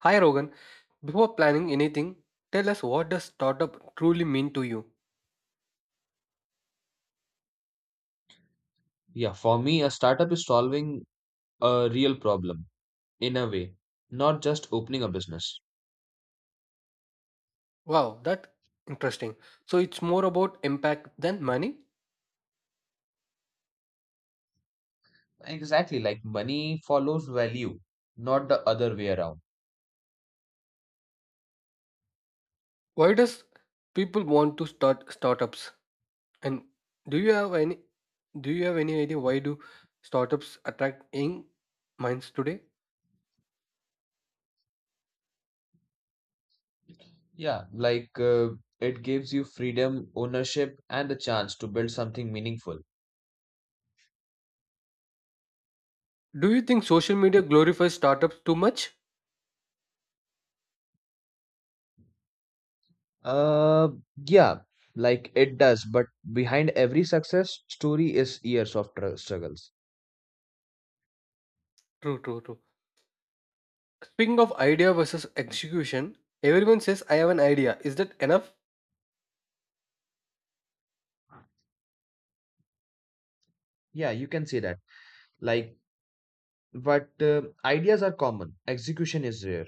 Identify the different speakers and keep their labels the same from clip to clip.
Speaker 1: Hi Rogan, before planning anything, tell us what does startup truly mean to you?
Speaker 2: Yeah, for me, a startup is solving a real problem in a way, not just opening a business.
Speaker 1: Wow, that interesting. So it's more about impact than money.
Speaker 2: Exactly, like money follows value, not the other way around.
Speaker 1: Why does people want to start startups? And do you have any do you have any idea why do startups attract young minds today?
Speaker 2: Yeah, like it gives you freedom, ownership, and the chance to build something meaningful.
Speaker 1: Do you think social media glorifies startups too much?
Speaker 2: Uh, yeah, like it does, but behind every success story is years of struggles.
Speaker 1: True, true, true. Speaking of idea versus execution, everyone says I have an idea. Is that enough?
Speaker 2: Yeah, you can say that. Like, but ideas are common, execution is rare.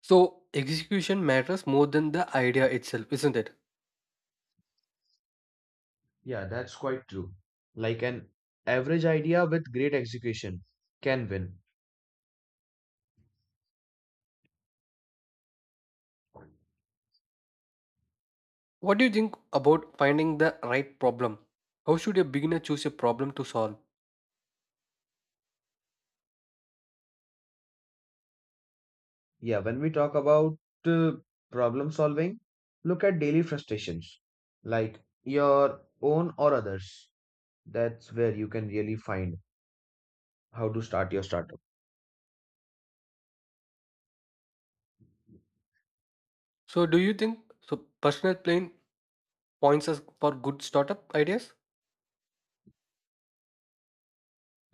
Speaker 1: So, execution matters more than the idea itself, isn't it?
Speaker 2: Yeah, that's quite true. Like an average idea with great execution can win.
Speaker 1: What do you think about finding the right problem? How should a beginner choose a problem to solve?
Speaker 2: Yeah, when we talk about uh, problem solving, look at daily frustrations, like your own or others. That's where you can really find how to start your startup.
Speaker 1: So, do you think so? Personal plane points us for good startup ideas?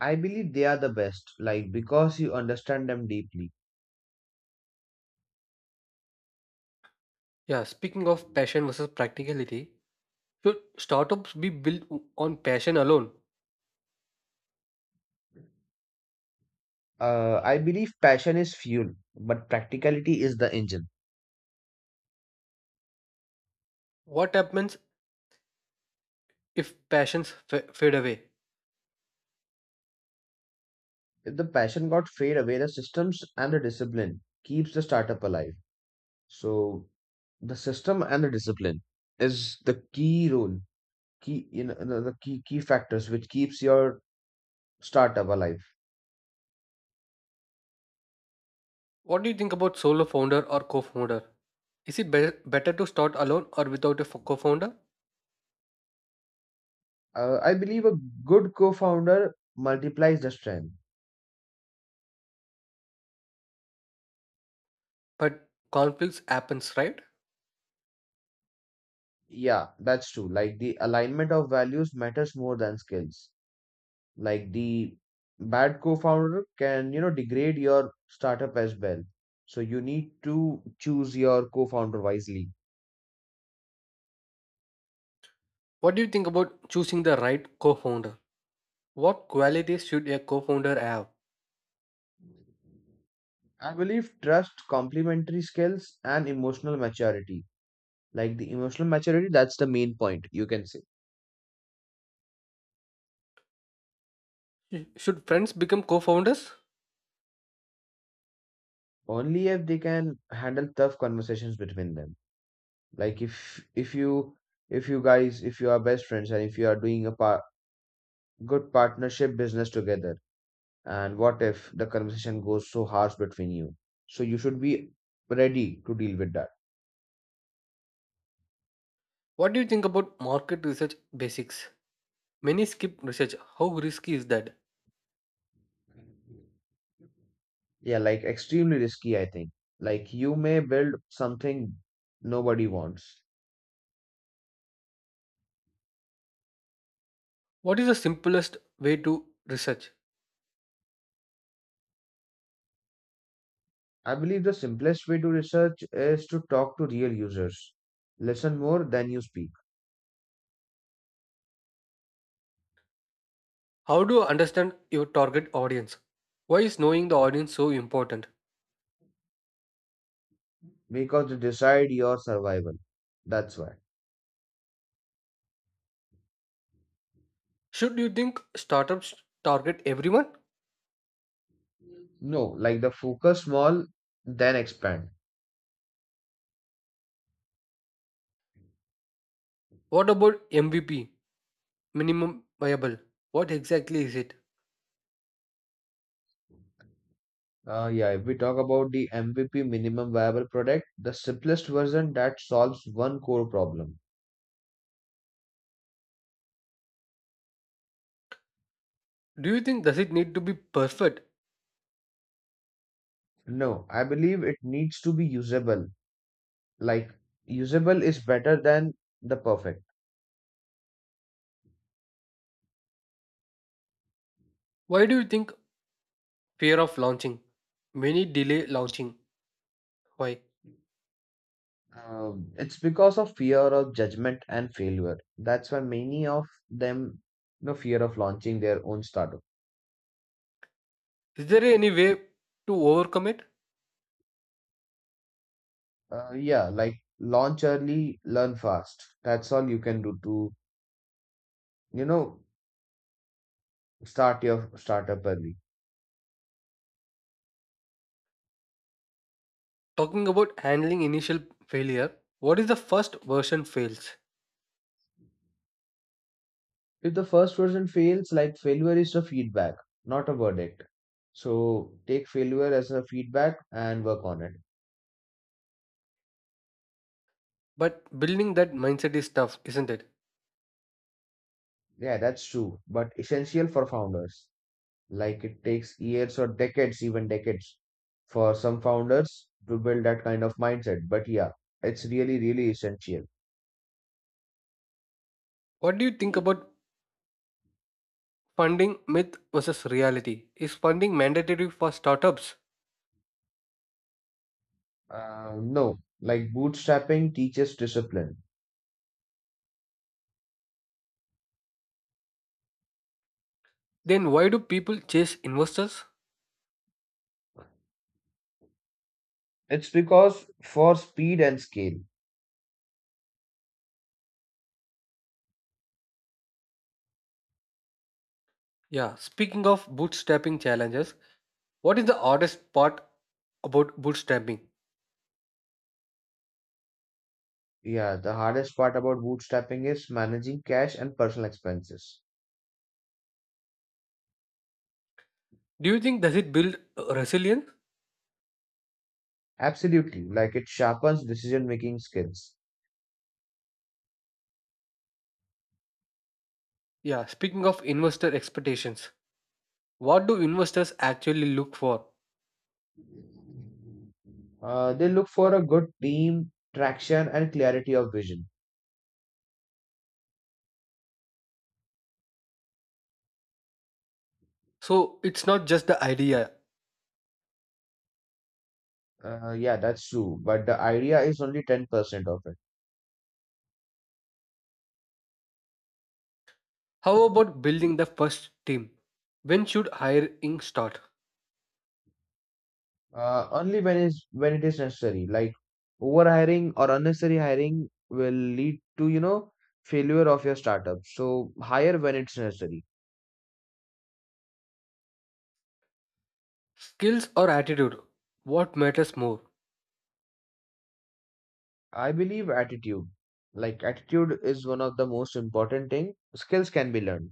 Speaker 2: I believe they are the best, like because you understand them deeply.
Speaker 1: Yeah, speaking of passion versus practicality, should startups be built on passion alone?
Speaker 2: I believe passion is fuel, but practicality is the engine.
Speaker 1: What happens if fade away?
Speaker 2: If the passion got fade away, the systems and the discipline keeps the startup alive. So the system and the discipline is the key role, key you know the key key factors which keeps your startup alive.
Speaker 1: What do you think about solo founder or co founder? Is it better to start alone or without a co founder?
Speaker 2: I believe a good co-founder multiplies the strength.
Speaker 1: But conflicts happens, right?
Speaker 2: Yeah, that's true. Like the alignment of values matters more than skills. Like the bad co-founder can, degrade your startup as well. So you need to choose your co-founder wisely.
Speaker 1: What do you think about choosing the right co-founder? What qualities should a co-founder have?
Speaker 2: I believe trust, complementary skills, and emotional maturity. Like the emotional maturity, that's the main point, you can say.
Speaker 1: Should friends become co-founders?
Speaker 2: Only if they can handle tough conversations between them. Like if you are best friends and if you are doing a good partnership business together, and what if the conversation goes so harsh between you? So you should be ready to deal with that.
Speaker 1: What do you think about market research basics? Many skip research. How risky is that?
Speaker 2: Yeah, like extremely risky, I think. Like you may build something nobody wants.
Speaker 1: What is the simplest way to research?
Speaker 2: I believe the simplest way to research is to talk to real users. Listen more than you speak,
Speaker 1: How do you understand your target audience? Why is knowing the audience so important?
Speaker 2: because they decide your survival. That's why.
Speaker 1: Should you think startups target everyone?
Speaker 2: No, like the focus small, then expand.
Speaker 1: What about MVP, minimum viable? What exactly is it?
Speaker 2: Yeah, if we talk about the MVP minimum viable product, the simplest version that solves one core problem.
Speaker 1: Do you think does it need to be perfect?
Speaker 2: No, I believe it needs to be usable. Like, usable is better than the perfect.
Speaker 1: Why do you think fear of launching? Many delay launching. Why?
Speaker 2: It's because of fear of judgment and failure. That's why many of them, fear of launching their own startup.
Speaker 1: Is there any way to overcome it?
Speaker 2: Yeah, like launch early, learn fast. That's all you can do to, you know, start your startup early.
Speaker 1: Talking about handling initial failure, what if the first version fails?
Speaker 2: If the first version fails, like failure is a feedback, not a verdict. So take failure as a feedback and work on it.
Speaker 1: But building that mindset is tough, isn't it?
Speaker 2: Yeah, that's true, but essential for founders. Like it takes years or decades, even decades, for some founders to build that kind of mindset. But yeah, it's really, really essential.
Speaker 1: What do you think about funding myth versus reality? Is funding mandatory for startups?
Speaker 2: No, like bootstrapping teaches discipline.
Speaker 1: Then why do people chase investors?
Speaker 2: It's because for speed and scale.
Speaker 1: Yeah, speaking of bootstrapping challenges, what is the hardest part about bootstrapping?
Speaker 2: Yeah, the hardest part about bootstrapping is managing cash and personal expenses.
Speaker 1: Do you think does it build resilience?
Speaker 2: Absolutely, like it sharpens decision-making skills.
Speaker 1: Yeah, speaking of investor expectations, what do investors actually look for?
Speaker 2: They look for a good team, traction, and clarity of vision.
Speaker 1: So it's not just the idea.
Speaker 2: Yeah, that's true. But the idea is only 10% of it.
Speaker 1: How about building the first team? When should hiring start?
Speaker 2: Only when is when it is necessary. Like overhiring or unnecessary hiring will lead to, failure of your startup. So hire when it's necessary.
Speaker 1: Skills or attitude? What matters more?
Speaker 2: I believe attitude. Like attitude is one of the most important thing. Skills can be learned.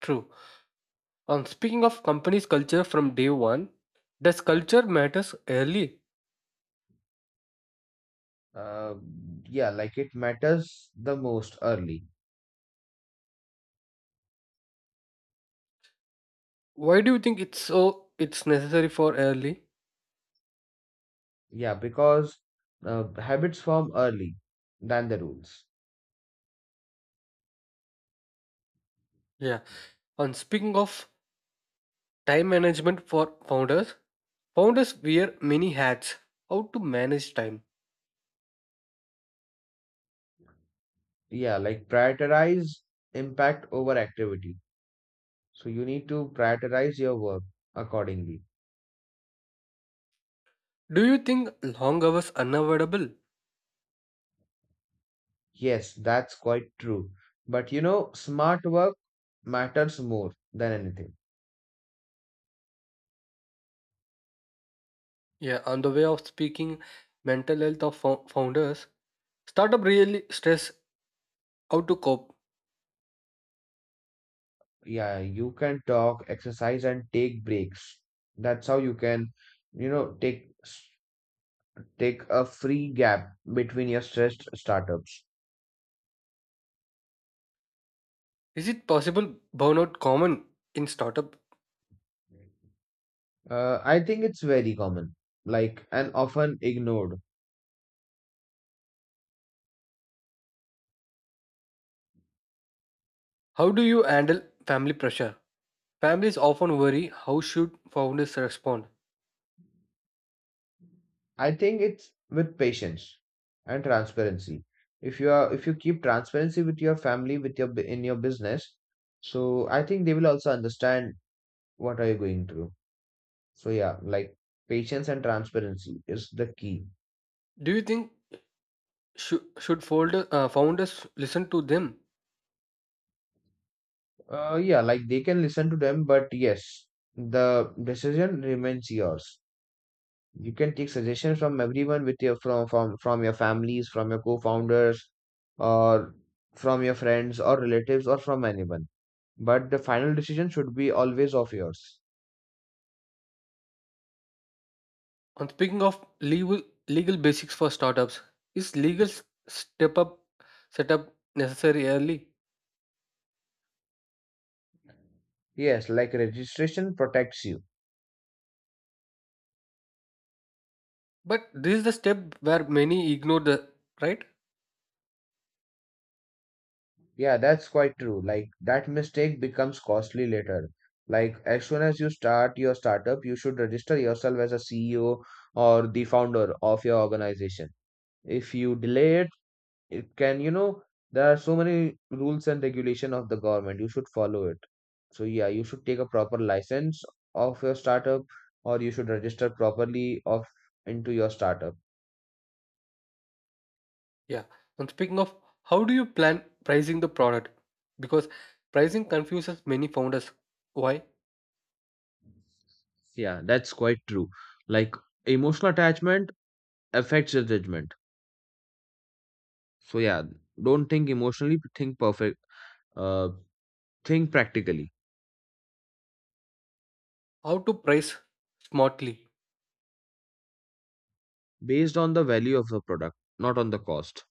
Speaker 1: True. Speaking of company's culture from day one, does culture matters early?
Speaker 2: Uh, yeah, like it matters the most early.
Speaker 1: Why do you think it's necessary for early?
Speaker 2: Yeah, because habits form early than the rules.
Speaker 1: Yeah. And speaking of time management for founders, founders wear many hats. How to manage time?
Speaker 2: Yeah, like prioritize impact over activity. So you need to prioritize your work accordingly.
Speaker 1: Do you think long hours unavoidable?
Speaker 2: Yes, that's quite true, but smart work matters more than anything.
Speaker 1: Yeah, on the way of speaking, mental health of founders, startup really stress how to cope.
Speaker 2: Yeah, you can talk exercise and take breaks. That's how you can, you know take take a free gap between your stressed startups.
Speaker 1: Is it possible burnout common in startup?
Speaker 2: I think it's very common, like, and often ignored.
Speaker 1: How do you handle family pressure? Families often worry how should founders respond.
Speaker 2: I think it's with patience and transparency. If you keep transparency with your family, in your business, so I think they will also understand what are you going through. So yeah, like patience and transparency is the key.
Speaker 1: Do you think should founders listen to them?
Speaker 2: Yeah, like they can listen to them, but yes, the decision remains yours. You can take suggestions from everyone with your from your families, from your co-founders, or from your friends or relatives or from anyone. But the final decision should be always of yours.
Speaker 1: And speaking of legal legal basics for startups, is legal s- step up setup necessary early?
Speaker 2: Yes, like registration protects you.
Speaker 1: But this is the step where many ignore the right.
Speaker 2: Yeah, that's quite true. Like that mistake becomes costly later. Like as soon as you start your startup, you should register yourself as a CEO or the founder of your organization. If you delay it, it can, there are so many rules and regulation of the government. You should follow it. So yeah, you should take a proper license of your startup or you should register properly of into your startup.
Speaker 1: Yeah. And speaking of, how do you plan pricing the product? Because pricing confuses many founders. Why?
Speaker 2: Yeah, that's quite true. Like emotional attachment affects your judgment. So yeah, don't think emotionally, think perfect. Uh, think practically
Speaker 1: How to price smartly?
Speaker 2: based on the value of the product, not on the cost.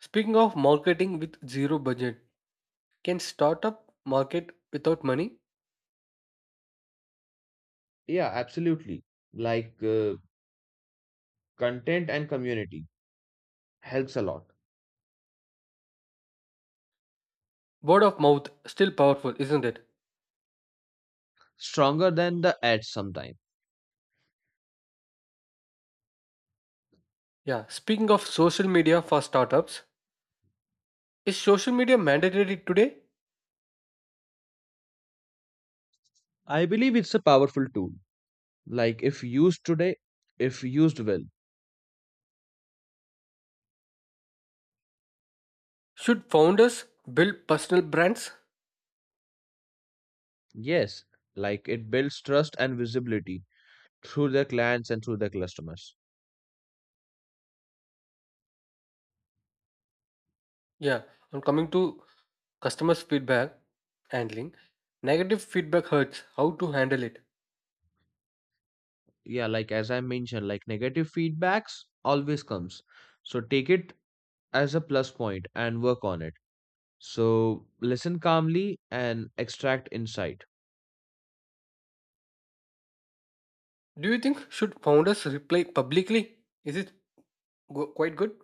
Speaker 1: Speaking of marketing with zero budget, can startup market without money?
Speaker 2: Yeah, absolutely. Like content and community helps a lot.
Speaker 1: Word of mouth still powerful, isn't it?
Speaker 2: Stronger than the ads sometimes.
Speaker 1: Yeah, speaking of social media for startups, is social media mandatory today?
Speaker 2: I believe it's a powerful tool. Like if used today, if used well,
Speaker 1: Should founders build personal brands?
Speaker 2: yes. Like it builds trust and visibility through the clients and through the customers.
Speaker 1: Yeah, I'm coming to customers' feedback handling. Negative feedback hurts. How to handle it?
Speaker 2: Yeah, like as I mentioned, like negative feedbacks always comes. So take it as a plus point and work on it. So listen calmly and extract insight.
Speaker 1: Do you think should founders reply publicly? Is it quite good?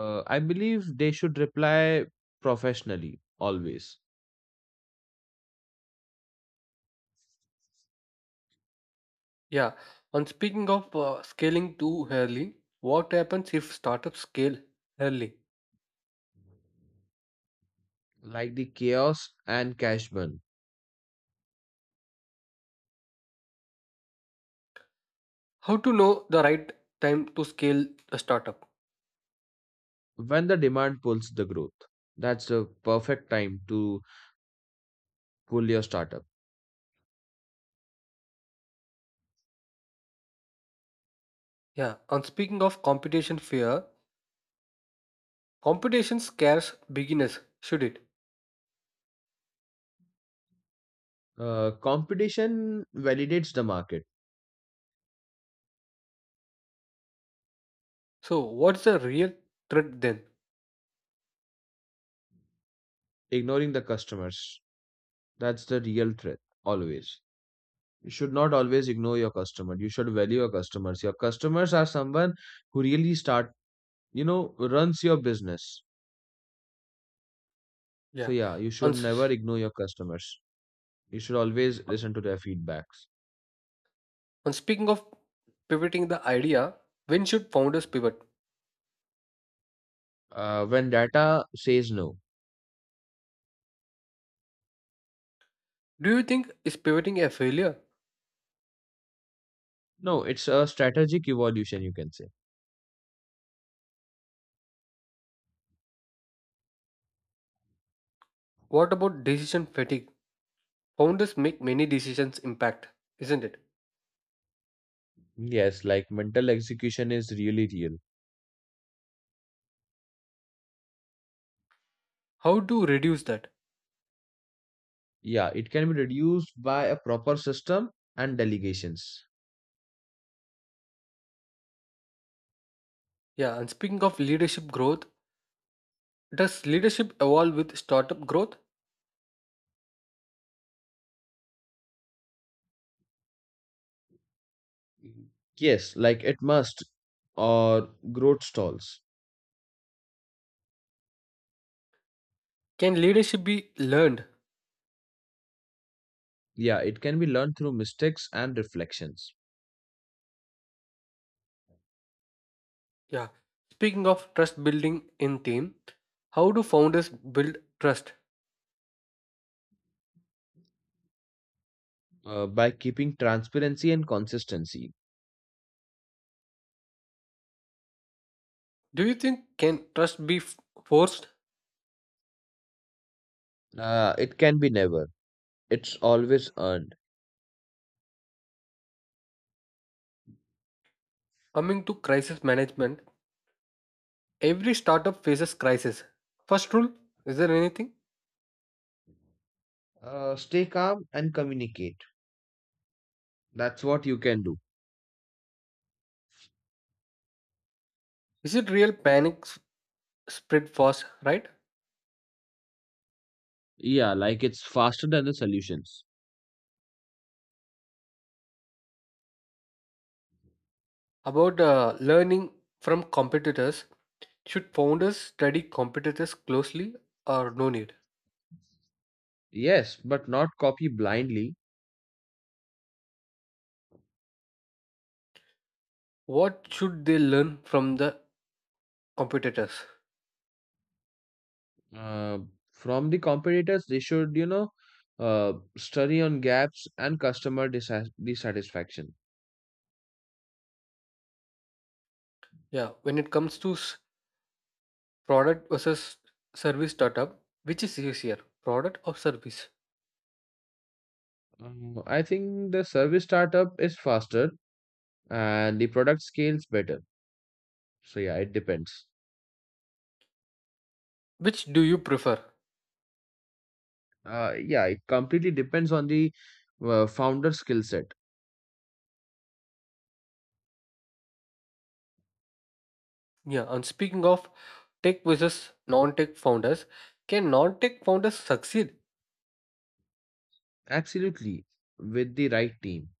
Speaker 2: I believe they should reply professionally always.
Speaker 1: Yeah. On speaking of scaling too early, what happens if startups scale early?
Speaker 2: Like the chaos and cash burn.
Speaker 1: How to know the right time to scale a startup?
Speaker 2: When the demand pulls the growth, that's the perfect time to pull your startup.
Speaker 1: Yeah. On speaking of competition fear, competition scares beginners. Should it?
Speaker 2: Competition validates the market.
Speaker 1: So, what's the real threat then?
Speaker 2: Ignoring the customers, that's the real threat always. You should not always ignore your customer. You should value your customers. Your customers are someone who really start, runs your business.
Speaker 1: Yeah.
Speaker 2: So yeah, you
Speaker 1: On,
Speaker 2: should never
Speaker 1: s-
Speaker 2: ignore your customers. You should always listen to their feedbacks.
Speaker 1: on speaking of pivoting the idea, when should founders pivot?
Speaker 2: When data says no,
Speaker 1: Do you think is pivoting a failure?
Speaker 2: no, it's a strategic evolution, you can say.
Speaker 1: What about decision fatigue? Founders make many decisions impact, isn't it?
Speaker 2: Yes, like mental execution is really real.
Speaker 1: How to reduce that?
Speaker 2: Yeah, it can be reduced by a proper system and delegations.
Speaker 1: Yeah, and speaking of leadership growth, does leadership evolve with startup growth?
Speaker 2: Yes, like it must or growth stalls.
Speaker 1: Can leadership be learned?
Speaker 2: Yeah, it can be learned through mistakes and reflections.
Speaker 1: Yeah. Speaking of trust building in team, how do founders build trust?
Speaker 2: By keeping transparency and consistency,
Speaker 1: Do you think can trust be forced?
Speaker 2: it can be never. It's always earned.
Speaker 1: Coming to crisis management, every startup faces crisis. First rule, is there anything?
Speaker 2: Stay calm and communicate. That's what you can do.
Speaker 1: Is it real panic spread fast, right?
Speaker 2: Yeah, like it's faster than the solutions.
Speaker 1: About learning from competitors, should founders study competitors closely or no need?
Speaker 2: Yes, but not copy blindly.
Speaker 1: What should they learn from the competitors?
Speaker 2: Uh, from the competitors, they should, study on gaps and customer dissatisfaction.
Speaker 1: Yeah, when it comes to product versus service startup, which is easier, product or service?
Speaker 2: I think the service startup is faster and the product scales better. So yeah, it depends.
Speaker 1: Which do you prefer?
Speaker 2: Yeah, it completely depends on the founder skill set.
Speaker 1: Yeah, and speaking of tech versus non-tech founders. Can non-tech founders succeed?
Speaker 2: Absolutely, with the right team,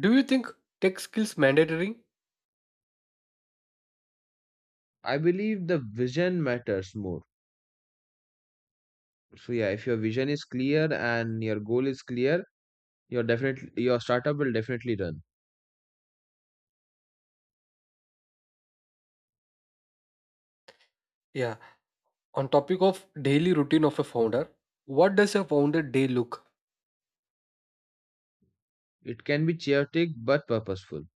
Speaker 1: Do you think tech skills mandatory?
Speaker 2: I believe the vision matters more. So yeah, if your vision is clear and your goal is clear, your startup will definitely run.
Speaker 1: Yeah. On topic of daily routine of a founder, what does a founder day look?
Speaker 2: It can be chaotic but purposeful.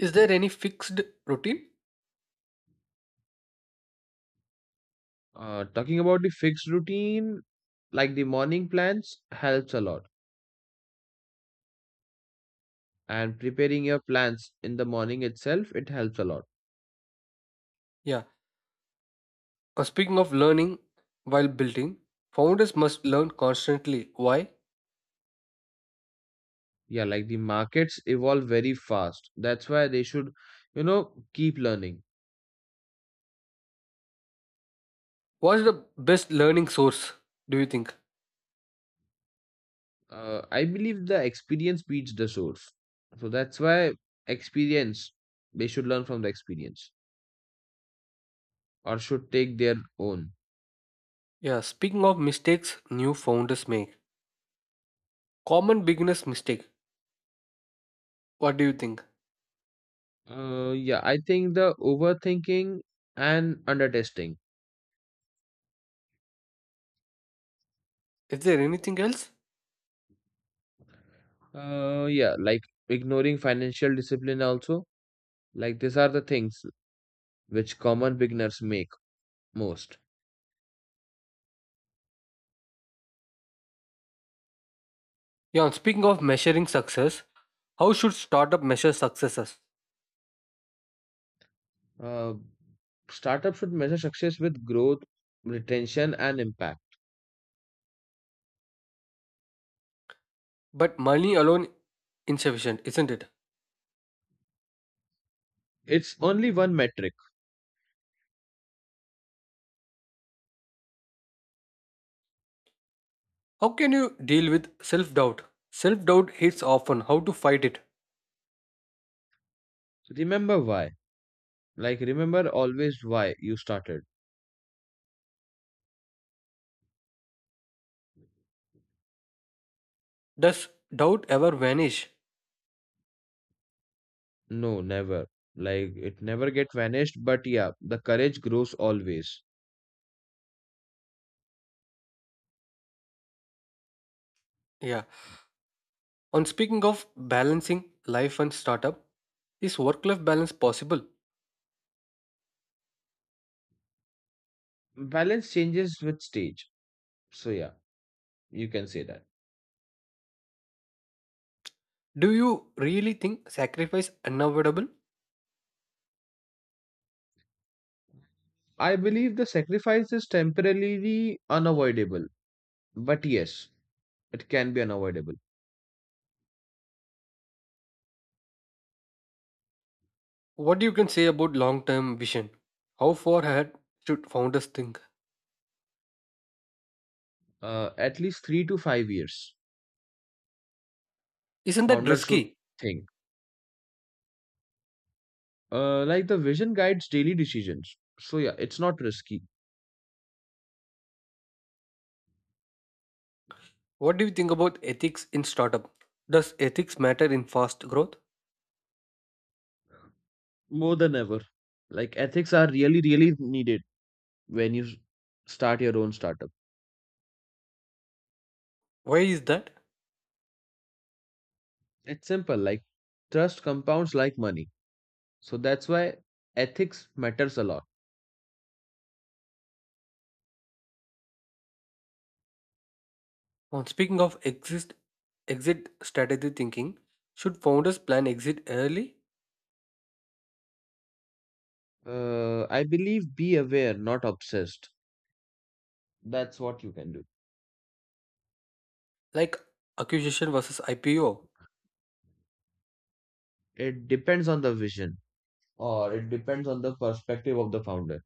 Speaker 1: Is there any fixed routine?
Speaker 2: Talking about the fixed routine, like the morning plans, helps a lot. And preparing your plans in the morning itself, it helps a lot.
Speaker 1: Yeah. Speaking of learning while building, founders must learn constantly. Why?
Speaker 2: Yeah, like the markets evolve very fast. That's why they should, you know keep learning.
Speaker 1: What's the best learning source? Do you think?
Speaker 2: I believe the experience beats the source. So that's why experience, they should learn from the experience or should take their own.
Speaker 1: Yeah. Speaking of mistakes, new founders make common beginners mistake. What do you think?
Speaker 2: Yeah, I think the overthinking and undertesting.
Speaker 1: Is there anything else?
Speaker 2: Yeah, like ignoring financial discipline also. Like these are the things which common beginners make most.
Speaker 1: Yeah, speaking of measuring success, how should startup measure successes?
Speaker 2: Uh, Startup should measure success with growth, retention, and impact.
Speaker 1: But money alone insufficient, isn't it?
Speaker 2: It's only one metric.
Speaker 1: How can you deal with self-doubt? Self-doubt hits often. How to fight it?
Speaker 2: Remember why. Like, remember always why you started.
Speaker 1: Does doubt ever vanish?
Speaker 2: No, never. Like, it never get vanished, but yeah, the courage grows always.
Speaker 1: Yeah. On speaking of balancing life and startup, is work-life balance possible?
Speaker 2: Balance changes with stage. So, yeah, you can say that.
Speaker 1: Do you really think sacrifice unavoidable?
Speaker 2: I believe the sacrifice is temporarily unavoidable, but yes, it can be unavoidable.
Speaker 1: What you can say about long-term vision? How far ahead should founders think?
Speaker 2: At least 3 to 5 years,
Speaker 1: Isn't that
Speaker 2: founders should
Speaker 1: risky?
Speaker 2: think. Like the vision guides daily decisions. So yeah, it's not risky
Speaker 1: What do you think about ethics in startup? Does ethics matter in fast growth?
Speaker 2: more than ever. Like ethics are really, really needed when you start your own startup.
Speaker 1: Why is that?
Speaker 2: It's simple. Like trust compounds like money. So that's why ethics matters a lot.
Speaker 1: On speaking of exit strategy thinking, should founders plan exit early,
Speaker 2: I believe be aware, not obsessed. That's what you can do.
Speaker 1: like acquisition versus IPO?
Speaker 2: It depends on the vision or it depends on the perspective of the founder.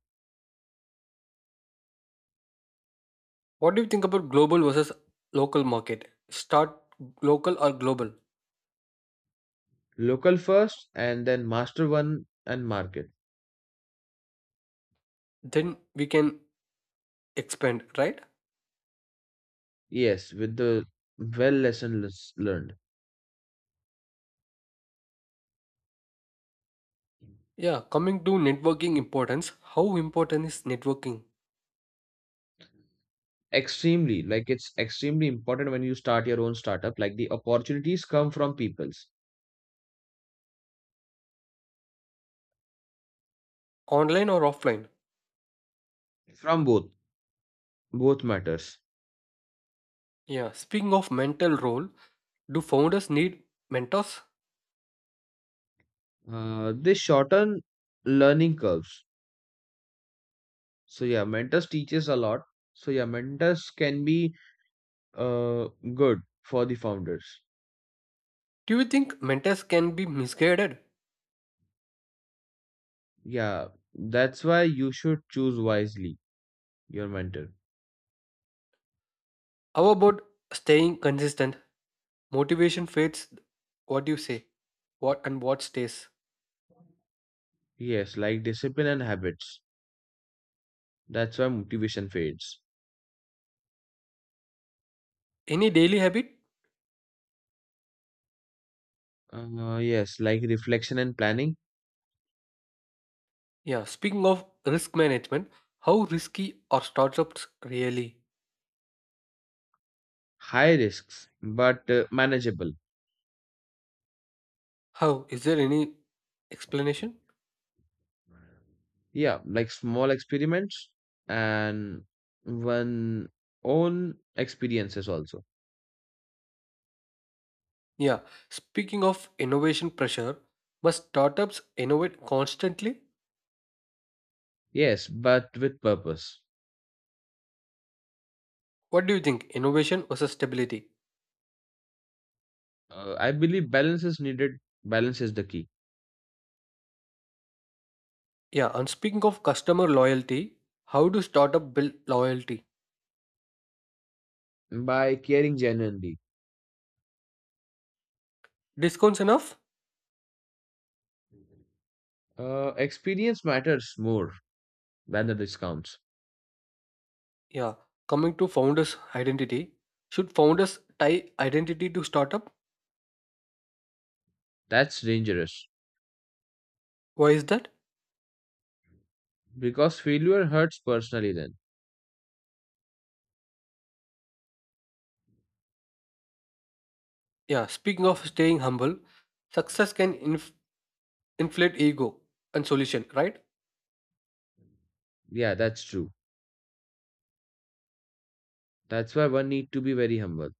Speaker 1: What do you think about global versus local market? Start local or global?
Speaker 2: Local first and then master one and market.
Speaker 1: Then we can expand, right?
Speaker 2: Yes, with the well lesson learned.
Speaker 1: Yeah, coming to networking importance, how important is networking?
Speaker 2: Extremely, like it's extremely important when you start your own startup. Like the opportunities come from peoples,
Speaker 1: Online or offline?
Speaker 2: from both, both matters.
Speaker 1: Yeah, speaking of mental role, do founders need mentors?
Speaker 2: They shorten learning curves. So yeah, mentors teaches a lot. So yeah, mentors can be good for the founders.
Speaker 1: Do you think mentors can be misguided?
Speaker 2: Yeah, that's why you should choose wisely your mentor.
Speaker 1: How about staying consistent? Motivation fades. What do you say? What and what stays?
Speaker 2: Yes, like discipline and habits. That's why motivation fades.
Speaker 1: Any daily habit?
Speaker 2: Yes, like reflection and planning.
Speaker 1: Yeah, speaking of risk management, how risky are startups really?
Speaker 2: High risks, but manageable.
Speaker 1: How? Is there any explanation?
Speaker 2: Yeah, like small experiments and one own experiences also.
Speaker 1: Yeah, speaking of innovation pressure, must startups innovate constantly?
Speaker 2: Yes, but with purpose.
Speaker 1: What do you think? Innovation versus stability.
Speaker 2: I believe balance is needed. Balance is the key.
Speaker 1: Yeah, and speaking of customer loyalty, how do startup build loyalty?
Speaker 2: By caring genuinely,
Speaker 1: Discounts enough?
Speaker 2: experience matters more than the discounts.
Speaker 1: Yeah. Coming to founders' identity, should founders tie identity to startup?
Speaker 2: That's dangerous
Speaker 1: Why is that?
Speaker 2: because failure hurts personally then.
Speaker 1: Yeah. Speaking of staying humble, success can inflate ego and solution, right?
Speaker 2: Yeah, that's true. That's why one need to be very humble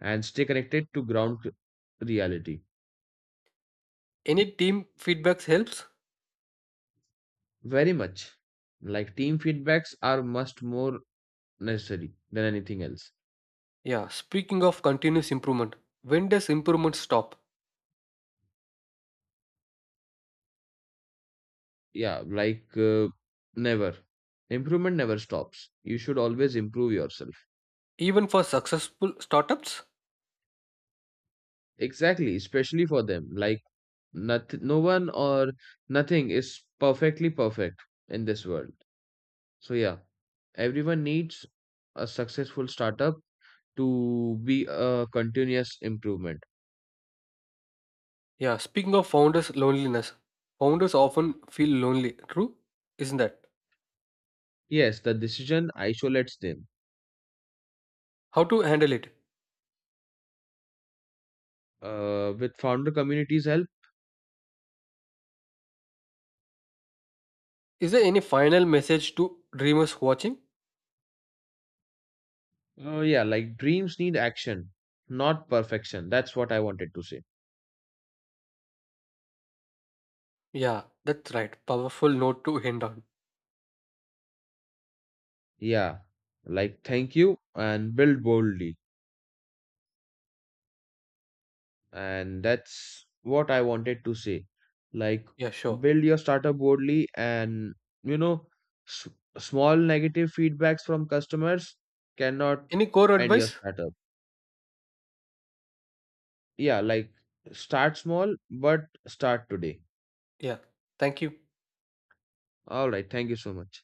Speaker 2: and stay connected to ground reality.
Speaker 1: Any team feedbacks helps?
Speaker 2: Very much. Like team feedbacks are much more necessary than anything else.
Speaker 1: Yeah. Speaking of continuous improvement, when does improvement stop?
Speaker 2: Yeah, like never. Improvement never stops. You should always improve yourself.
Speaker 1: Even for successful startups?
Speaker 2: Exactly, especially for them. Like no one or nothing is perfectly perfect in this world. So yeah, everyone needs a successful startup to be a continuous improvement.
Speaker 1: Yeah. Speaking of founders' loneliness, founders often feel lonely. True, isn't that?
Speaker 2: Yes, the decision isolates them.
Speaker 1: How to handle it?
Speaker 2: With founder communities help.
Speaker 1: Is there any final message to dreamers watching?
Speaker 2: Yeah, like dreams need action, not perfection. That's what I wanted to say.
Speaker 1: Yeah, that's right. Powerful note to end on.
Speaker 2: Yeah, like thank you and build boldly. And that's what I wanted to say. Like
Speaker 1: Yeah, sure.
Speaker 2: build your startup boldly and, you know s- small negative feedbacks from customers cannot
Speaker 1: Any core
Speaker 2: end your
Speaker 1: advice?
Speaker 2: startup. Yeah, like start small but start today.
Speaker 1: Yeah. Thank you.
Speaker 2: All right, thank you so much.